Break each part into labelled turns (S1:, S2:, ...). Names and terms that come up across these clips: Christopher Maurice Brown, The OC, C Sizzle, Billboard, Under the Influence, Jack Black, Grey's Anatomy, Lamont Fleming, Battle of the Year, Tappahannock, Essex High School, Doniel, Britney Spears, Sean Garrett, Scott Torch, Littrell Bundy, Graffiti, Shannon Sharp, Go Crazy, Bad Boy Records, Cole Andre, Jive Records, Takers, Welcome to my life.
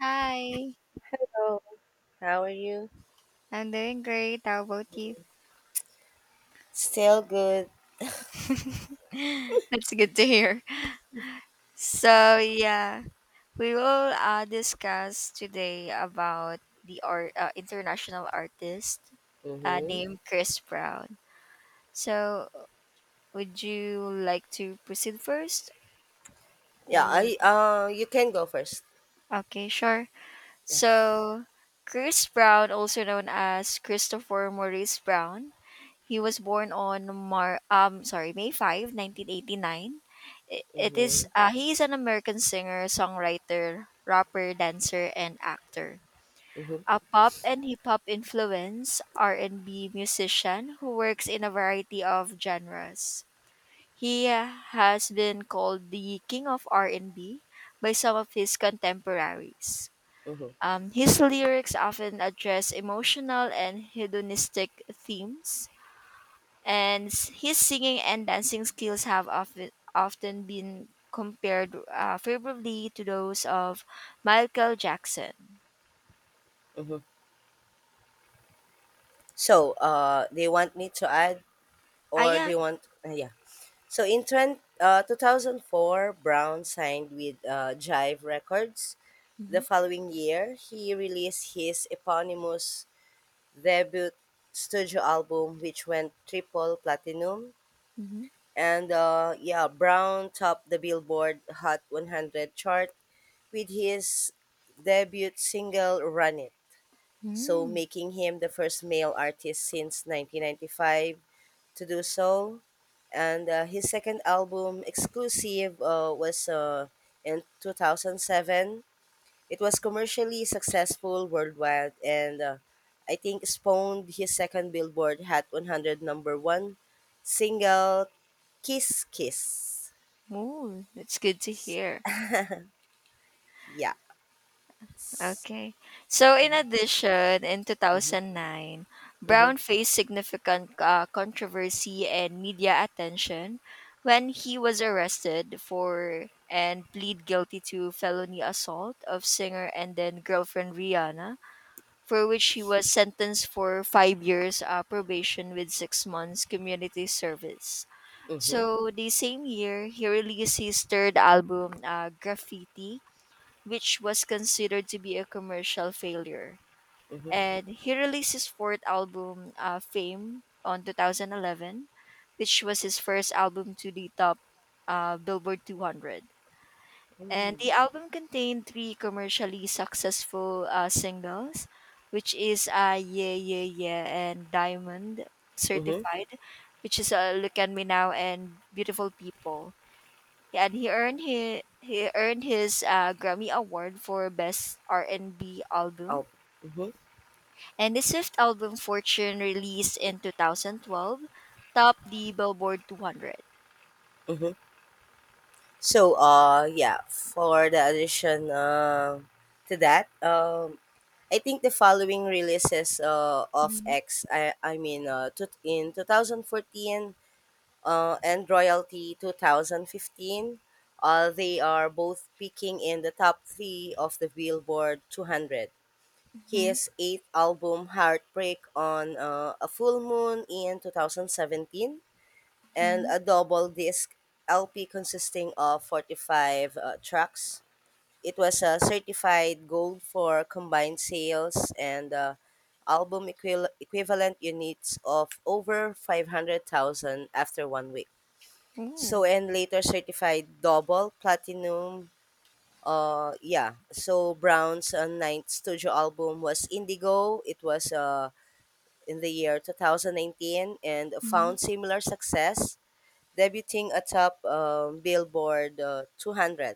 S1: Hi,
S2: Hello, how are you?
S1: I'm doing great. How about you?
S2: Still good.
S1: That's good to hear. So yeah, we will discuss today about the international artist
S2: Mm-hmm.
S1: named Chris Brown. So, would you like to proceed first?
S2: Yeah,
S1: or
S2: I you can go first.
S1: okay, sure.
S2: Yeah.
S1: So, Chris Brown, also known as Christopher Maurice Brown, he was born on Mar sorry May 5, 1989. I- It
S2: Mm-hmm.
S1: is He is an American singer, songwriter, rapper, dancer, and actor.
S2: Mm-hmm.
S1: A pop and hip hop influence R&B musician who works in a variety of genres. He has been called the king of R&B by some of his contemporaries.
S2: Mm-hmm.
S1: His lyrics often address emotional and hedonistic themes, and his singing and dancing skills have often been compared favorably to those of Michael Jackson.
S2: Mm-hmm. So, they want me to add
S1: Ah,
S2: or
S1: yeah.
S2: they want yeah. So in trend 2004 Brown signed with Jive Records. The
S1: Mm-hmm.
S2: following year, he released his eponymous debut studio album which went triple platinum.
S1: Mm-hmm.
S2: And yeah, Brown topped the Billboard Hot 100 chart with his debut single "Run It," so
S1: Mm.
S2: making him the first male artist since 1995 to do so. And his second album, Exclusive, was in 2007. It was commercially successful worldwide, and I think spawned his second Billboard Hot 100 number one single, "Kiss Kiss."
S1: Ooh, that's good to hear.
S2: Yes.
S1: Okay. So, in addition, in
S2: Mhm,
S1: 2009,
S2: mhm,
S1: Brown faced significant controversy and media attention when he was arrested for and plead guilty to felony assault of singer and then girlfriend Rihanna, for which he was sentenced for 5 years probation with 6 months community service.
S2: mhm,
S1: So, the same year, he released his third album, Graffiti, which was considered to be a commercial failure.
S2: mhm,
S1: And he released his fourth album, Fame, on 2011, which was his first album to the top Billboard 200. And
S2: mm,
S1: the album contained three commercially successful singles, which is Yeah, Yeah, Yeah, and Diamond
S2: mhm.
S1: Certified, which is Look at Me Now and Beautiful People. Yeah, and he earned his Grammy Award for Best R&B Album.
S2: Oh. Mhm,
S1: And his fifth album, Fortune, released in 2012, topped the Billboard 200.
S2: mhm. So, yeah, for the addition to that, I think the following releases of
S1: Mm-hmm.
S2: X, I mean, to, in 2014 and Royalty 2015, they are both peaking in the top three of the Billboard 200.
S1: Mm-hmm.
S2: His eighth album, Heartbreak, on a full moon in 2017, and
S1: Mm-hmm.
S2: a double disc LP consisting of 45 tracks. It was certified gold for combined sales and album equivalent units of over 500,000 after 1 week.
S1: Ooh.
S2: So, and later certified double platinum. Yeah. So Brown's ninth studio album was Indigo. It was in the year 2019 and
S1: Mm-hmm.
S2: found similar success, debuting atop Billboard 200.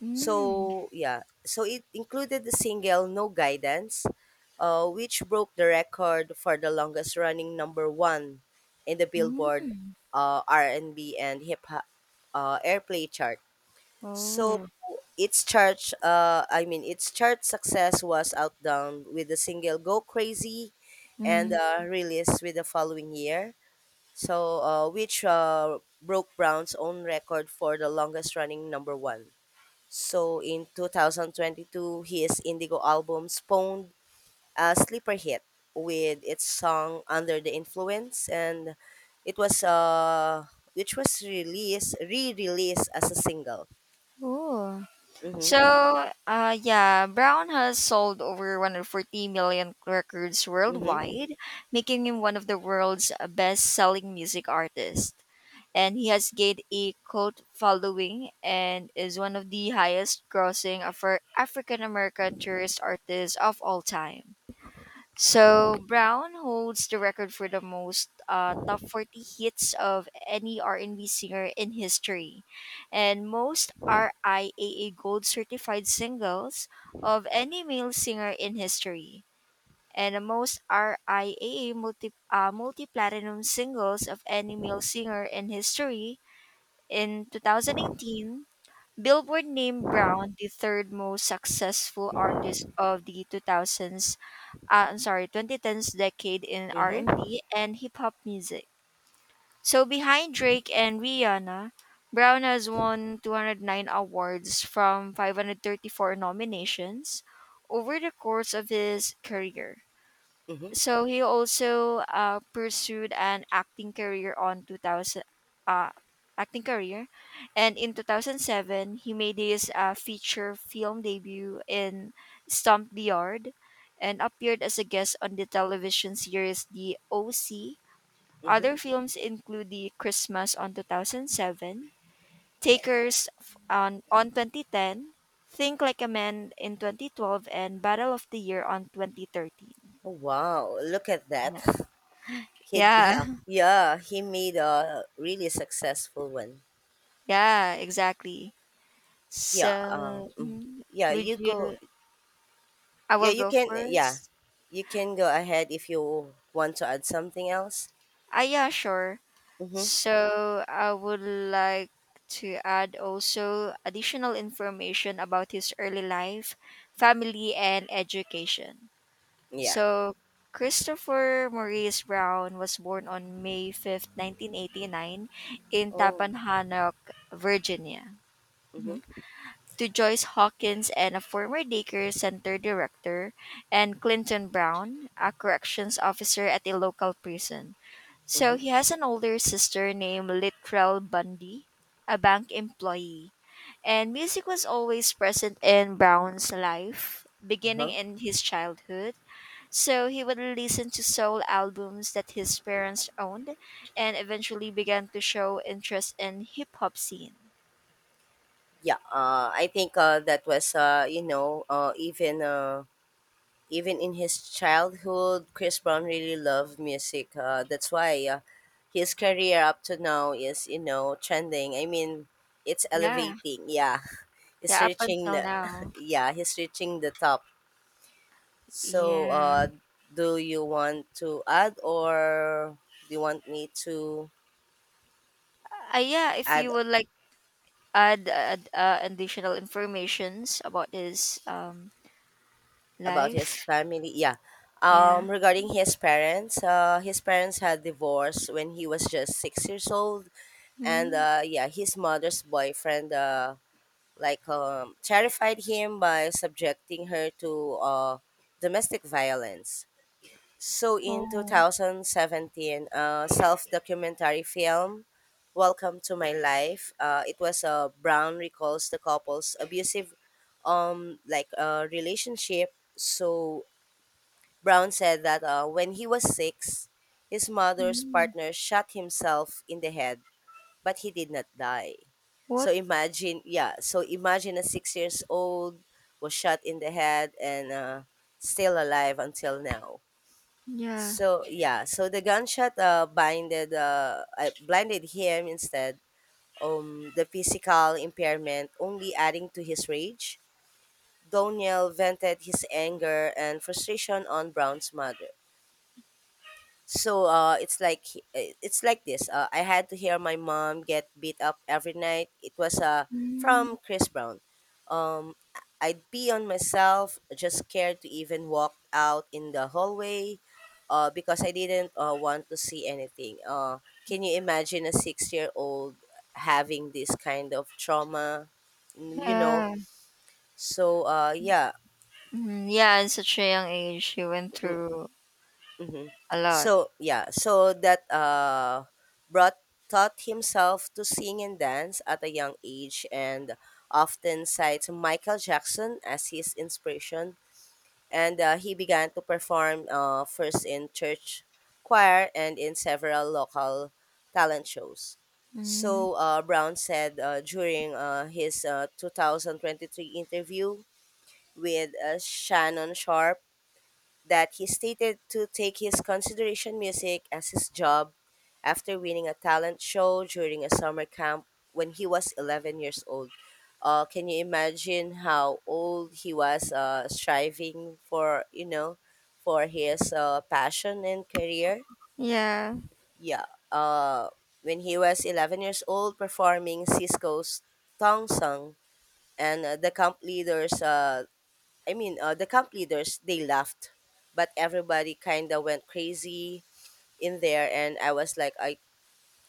S1: mm
S2: So yeah. So it included the single "No Guidance," which broke the record for the longest running number one in the Billboard
S1: mm.
S2: R&B and B and hip hop airplay chart. So
S1: Oh.
S2: its chart success was outdone with the single "Go Crazy," and
S1: Mm.
S2: released with the following year. So, which broke Brown's own record for the longest-running number one. So, in 2022, his Indigo album spawned a sleeper hit with its song "Under the Influence," and it was which was released re-released as a single.
S1: Ooh.
S2: Mm-hmm.
S1: So, Brown has sold over 140 million records
S2: Mm-hmm.
S1: worldwide, making him one of the world's best selling music artists. And he has gained a cult following and is one of the highest grossing African American tourist artists of all time. So Brown holds the record for the most top 40 hits of any R&B singer in history, and most RIAA gold certified singles of any male singer in history, and the most RIAA multi-platinum singles of any male singer in history. In 2019, Billboard named Brown the third most successful artist of the 2000s, I'm sorry, 2010s decade in
S2: Mhm.
S1: R&B and B and hip hop music. So behind Drake and Rihanna, Brown has won 209 awards from 534 nominations over the course of his career.
S2: Mhm.
S1: So he also pursued an acting career on 2000, uh, acting career and in 2007 he made his feature film debut in Stomp the Yard and appeared as a guest on the television series the OC.
S2: Mhm.
S1: Other films include The Christmas on 2007, Takers on 2010, Think Like a Man in 2012, and Battle of the Year on 2013.
S2: Oh, wow, look at that.
S1: Yeah, yeah.
S2: Yeah, he made a really successful one.
S1: Yeah, exactly.
S2: Yeah.
S1: So,
S2: Mm.
S1: mhm,
S2: Yeah,
S1: would
S2: you go.
S1: you? I
S2: Yeah,
S1: will
S2: you
S1: go
S2: can, yeah.
S1: first.
S2: You can go ahead if you want to add something else.
S1: Ah, yeah, sure.
S2: Mhm.
S1: So, I would like to add also additional information about his early life, family, and education.
S2: Yeah.
S1: So, Christopher Maurice Brown was born on May 5th, 1989, in
S2: Oh.
S1: Tappahannock, Virginia,
S2: Mhm.
S1: to Joyce Hawkins and a former daycare center director, and Clinton Brown, a corrections officer at a local prison.
S2: Mhm.
S1: So he has an older sister named Littrell Bundy, a bank employee. And music was always present in Brown's life, beginning
S2: Uh-huh.
S1: in his childhood. So he would listen to soul albums that his parents owned and eventually began to show interest in hip hop scene.
S2: Yeah, I think that was you know, even Even in his childhood, Chris Brown really loved music. That's why his career up to now is, you know, trending. I mean, it's
S1: Yeah.
S2: elevating. Yeah, he's
S1: Yeah, up
S2: reaching
S1: until
S2: the,
S1: now.
S2: yeah, he's reaching the top. So,
S1: Yeah.
S2: do you want to add, or do you want me to
S1: Yeah, if
S2: add
S1: you would like add additional informations about his
S2: about his
S1: life.
S2: family? Yeah.
S1: Yeah.
S2: Regarding his parents had divorced when he was just 6 years old. And
S1: Mm.
S2: yeah, his mother's boyfriend terrified him by subjecting her to domestic violence. So in
S1: Oh.
S2: 2017, a self-documentary film, Welcome to My Life, it was Brown recalls the couple's abusive relationship. So Brown said that when he was six, his mother's
S1: Mm.
S2: partner shot himself in the head, but he did not die. So
S1: What?
S2: imagine, yeah. So imagine a 6 years old was shot in the head and still alive until now.
S1: Yeah.
S2: So yeah. So the gunshot blinded him instead. The physical impairment only adding to his rage. Doniel vented his anger and frustration on Brown's mother. So it's like this. I had to hear my mom get beat up every night. It was from
S1: Mm.
S2: Chris Brown. Um, I'd be on myself, just scared to even walk out in the hallway, because I didn't want to see anything. Can you imagine a six-year-old having this kind of trauma? You know.
S1: Yeah,
S2: So yeah.
S1: Mm. Yeah, at such a young age, he went
S2: mm,
S1: through
S2: hmm
S1: a lot.
S2: So yeah, so that brought taught himself to sing and dance at a young age, and often cites Michael Jackson as his inspiration. And he began to perform first in church choir and in several local talent shows.
S1: Mm.
S2: So Brown said during his 2023 interview with Shannon Sharp that he stated to take his consideration music as his job after winning a talent show during a summer camp when he was 11 years old. Can you imagine how old he was striving for, you know, for his passion and career?
S1: Yeah.
S2: Yeah. Uh, when he was 11 years old performing Cisco's Tong Sung, and the camp leaders, they laughed, but everybody kind of went crazy in there. And I was like, I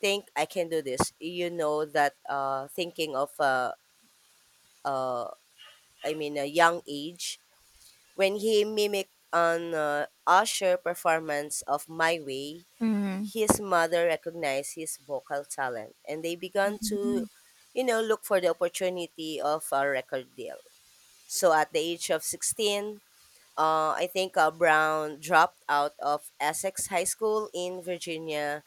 S2: think I can do this. You know, that thinking of, uh, I mean, a young age, when he mimicked an Usher performance of My Way,
S1: Mm.
S2: his mother recognized his vocal talent and they began to, you know, look for the opportunity of a record deal. So at the age of 16, I think Brown dropped out of Essex High School in Virginia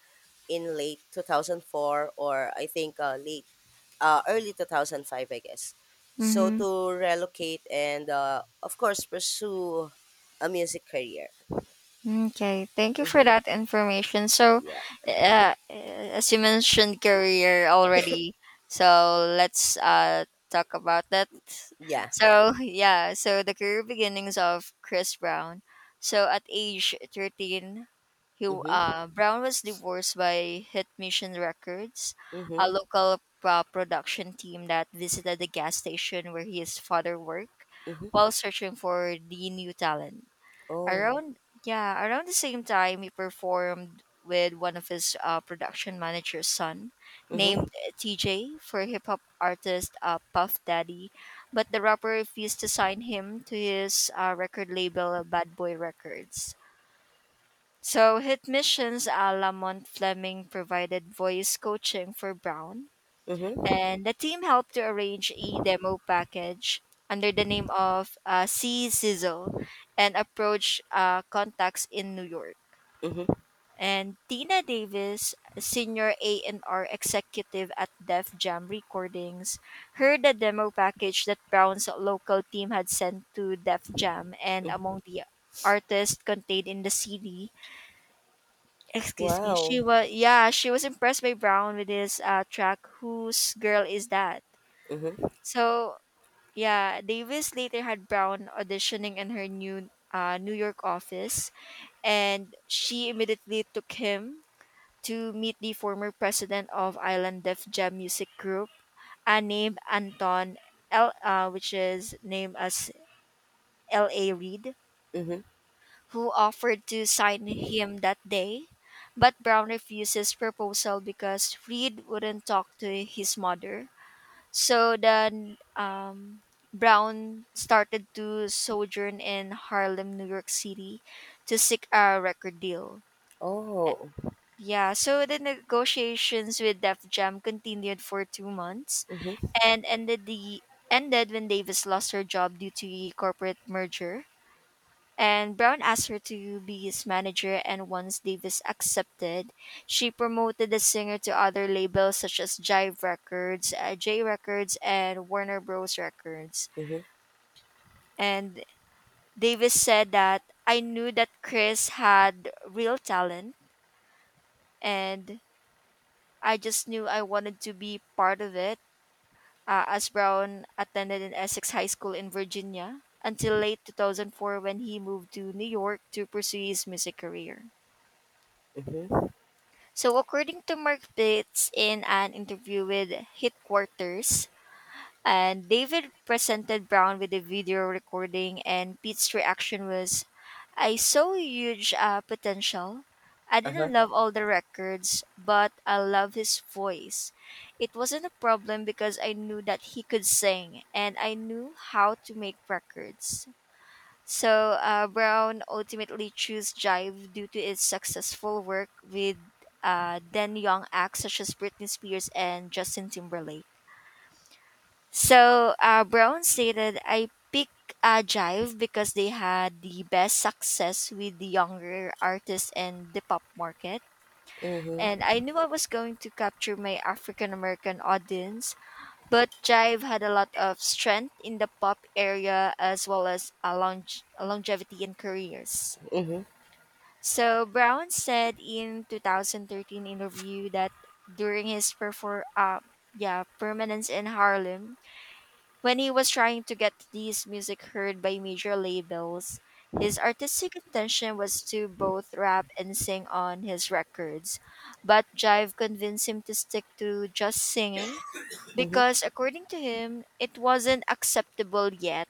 S2: in late 2004, or I think late early 2005, I guess. So
S1: Mm-hmm.
S2: to relocate and of course pursue a music career.
S1: Okay, thank you for
S2: Mm-hmm.
S1: that information. So,
S2: Yeah.
S1: uh, as you mentioned career already, so let's talk about that.
S2: Yeah. Yeah.
S1: So, yeah, so the career beginnings of Chris Brown. So, at age 13, he
S2: Mm-hmm.
S1: Brown was divorced by Hit Mission Records,
S2: Mm-hmm.
S1: a local production team that visited the gas station where his father worked
S2: Mm-hmm.
S1: while searching for the new talent.
S2: Oh.
S1: Around yeah, around the same time he performed with one of his production manager's son
S2: Mm-hmm.
S1: named TJ for hip hop artist Puff Daddy, but the rapper refused to sign him to his record label Bad Boy Records. So Hit Missions Lamont Fleming provided voice coaching for Brown,
S2: Mm-hmm.
S1: and the team helped to arrange a demo package under the name of C Sizzle and approached contacts in New York.
S2: Mm-hmm.
S1: And Tina Davis, senior A&R executive at Def Jam Recordings, heard the demo package that Brown's local team had sent to Def Jam, and
S2: Mm-hmm.
S1: among the artists contained in the CD, excuse me,
S2: Wow.
S1: she was impressed by Brown with his track "Whose Girl Is That."
S2: Mm-hmm.
S1: So, yeah, Davis later had Brown auditioning in her New York office, and she immediately took him to meet the former president of Island Def Jam Music Group, named Anton L, which is named as L.A. Reid,
S2: Mm-hmm.
S1: who offered to sign him that day. But Brown refused his proposal because Reid wouldn't talk to his mother. So then Brown started to sojourn in Harlem, New York City to seek a record deal.
S2: Oh.
S1: Yeah, so the negotiations with Def Jam continued for 2 months
S2: Mm-hmm.
S1: and ended when Davis lost her job due to a corporate merger. And Brown asked her to be his manager, and once Davis accepted, she promoted the singer to other labels such as Jive Records, J Records, and Warner Bros. Records.
S2: Mm-hmm.
S1: And Davis said that I knew that Chris had real talent and I just knew I wanted to be part of it. As Brown attended an Essex High School in Virginia until late 2004 when he moved to New York to pursue his music career.
S2: Mm-hmm.
S1: So, according to Mark Bates in an interview with Hit Quarters, and David presented Brown with a video recording, and Pete's reaction was, I saw huge potential. I
S2: Uh-huh.
S1: didn't love all the records, but I love his voice. It wasn't a problem because I knew that he could sing and I knew how to make records. So Brown ultimately chose Jive due to its successful work with then young acts such as Britney Spears and Justin Timberlake. So Brown stated, I picked Jive because they had the best success with the younger artists and the pop market. And
S2: Mm-hmm.
S1: I knew I was going to capture my African American audience, but Jive had a lot of strength in the pop area as well as a longevity in careers.
S2: Mm-hmm.
S1: So Brown said in 2013 interview that during his permanence in Harlem, when he was trying to get these music heard by major labels, his artistic intention was to both rap and sing on his records. But Jive convinced him to stick to just singing because according to him, it wasn't acceptable yet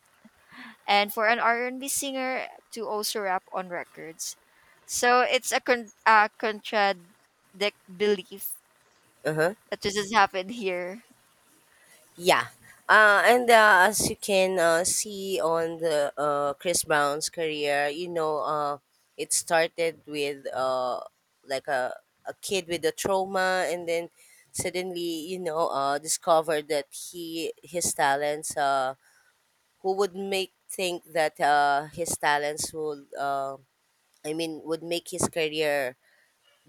S1: and for an R&B singer to also rap on records. So it's a contradict belief
S2: Uh-huh.
S1: that this has happened here.
S2: Yeah. And As you can see on the Chris Brown's career, you know, it started with like a, a kid with a trauma, and then suddenly, you know, discovered that he his talents. Who would make think that his talents would, I mean, would make his career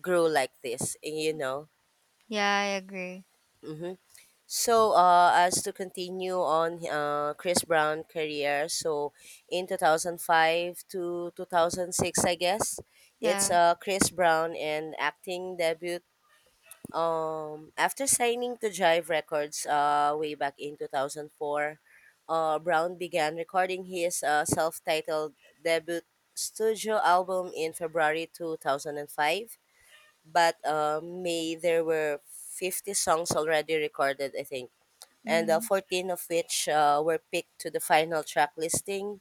S2: grow like this? You know.
S1: Yeah, I agree.
S2: Mm-hmm. So, as to continue on Chris Brown career, so in 2005 to 2006, I guess, it's
S1: Yeah.
S2: Chris Brown and acting debut, after signing to Jive Records way back in 2004. Brown began recording his self-titled debut studio album in February 2005, but May there were 50 songs already recorded, I think, and
S1: Mm-hmm.
S2: 14 of which were picked to the final track listing.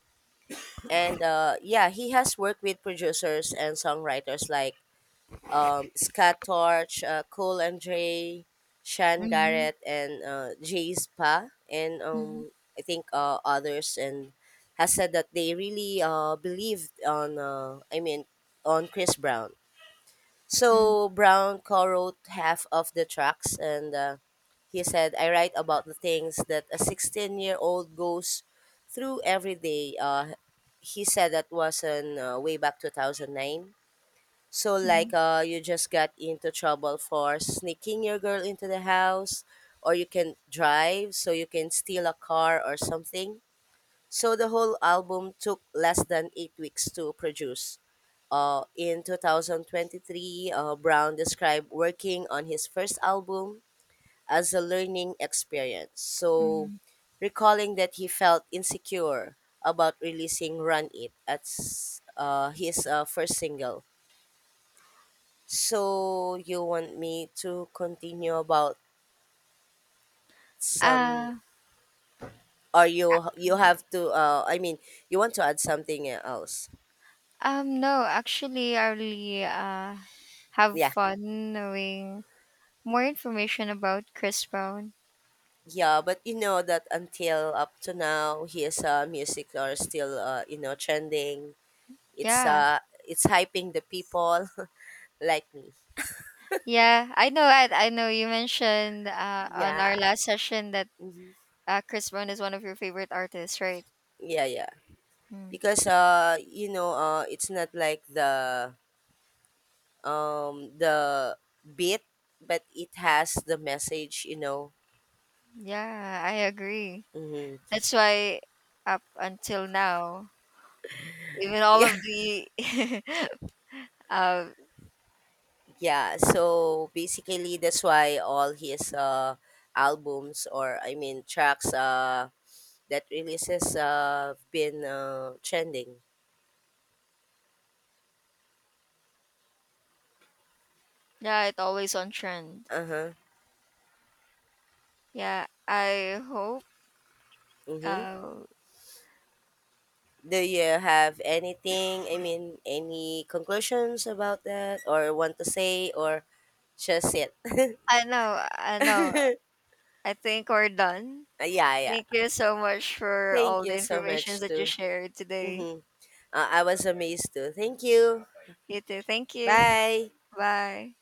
S2: And yeah, he has worked with producers and songwriters like Scott Torch, Cole Andre, Sean
S1: Mm-hmm.
S2: Garrett, and Jay Spa, and I think others, and has said that they really believed on, on Chris Brown.
S1: Mm,
S2: So Brown co-wrote half of the tracks, and he said, "I write about the things that a 16-year-old goes through every day." He said that was in way back 2009. So like
S1: mm,
S2: you just got into trouble for sneaking your girl into the house, or you can drive, so you can steal a car or something. So the whole album took less than 8 weeks to produce. In 2023, Brown described working on his first album as a learning experience. So,
S1: mm.
S2: recalling that he felt insecure about releasing Run It as his first single. So, you want me to continue about some,
S1: Uh,
S2: or you have to I mean, you want to add something else?
S1: no, actually, I really have
S2: Yeah.
S1: fun knowing more information about Chris Brown.
S2: Yeah, but you know that until up to now, his music are still you know, trending. It's
S1: Yeah,
S2: uh it's hyping the people like me.
S1: yeah, I know. I know you mentioned on
S2: Yeah,
S1: our last session that
S2: mhm.
S1: Chris Brown is one of your favorite artists, right?
S2: Yeah, yeah.
S1: Mm.
S2: Because you know, it's not like the um the beat, but it has the message. You know.
S1: Yeah, I agree.
S2: Mm-hmm.
S1: That's why up until now, even all
S2: Yeah,
S1: of the uh
S2: yeah. So basically, that's why all his albums, or I mean tracks that releases been trending.
S1: yeah, it's always on trend.
S2: Uh-huh.
S1: Yeah,
S2: Mm-hmm.
S1: uh
S2: Do you have anything, I mean, any conclusions about that or want to say, or just it?
S1: I know. I think we're done.
S2: Yeah, yeah.
S1: Thank you so much for
S2: Thank
S1: all
S2: you
S1: the
S2: so
S1: information
S2: much
S1: that you
S2: too.
S1: shared today.
S2: Mm-hmm. I was amazed too. Thank you.
S1: You too. Thank you.
S2: Bye.
S1: Bye.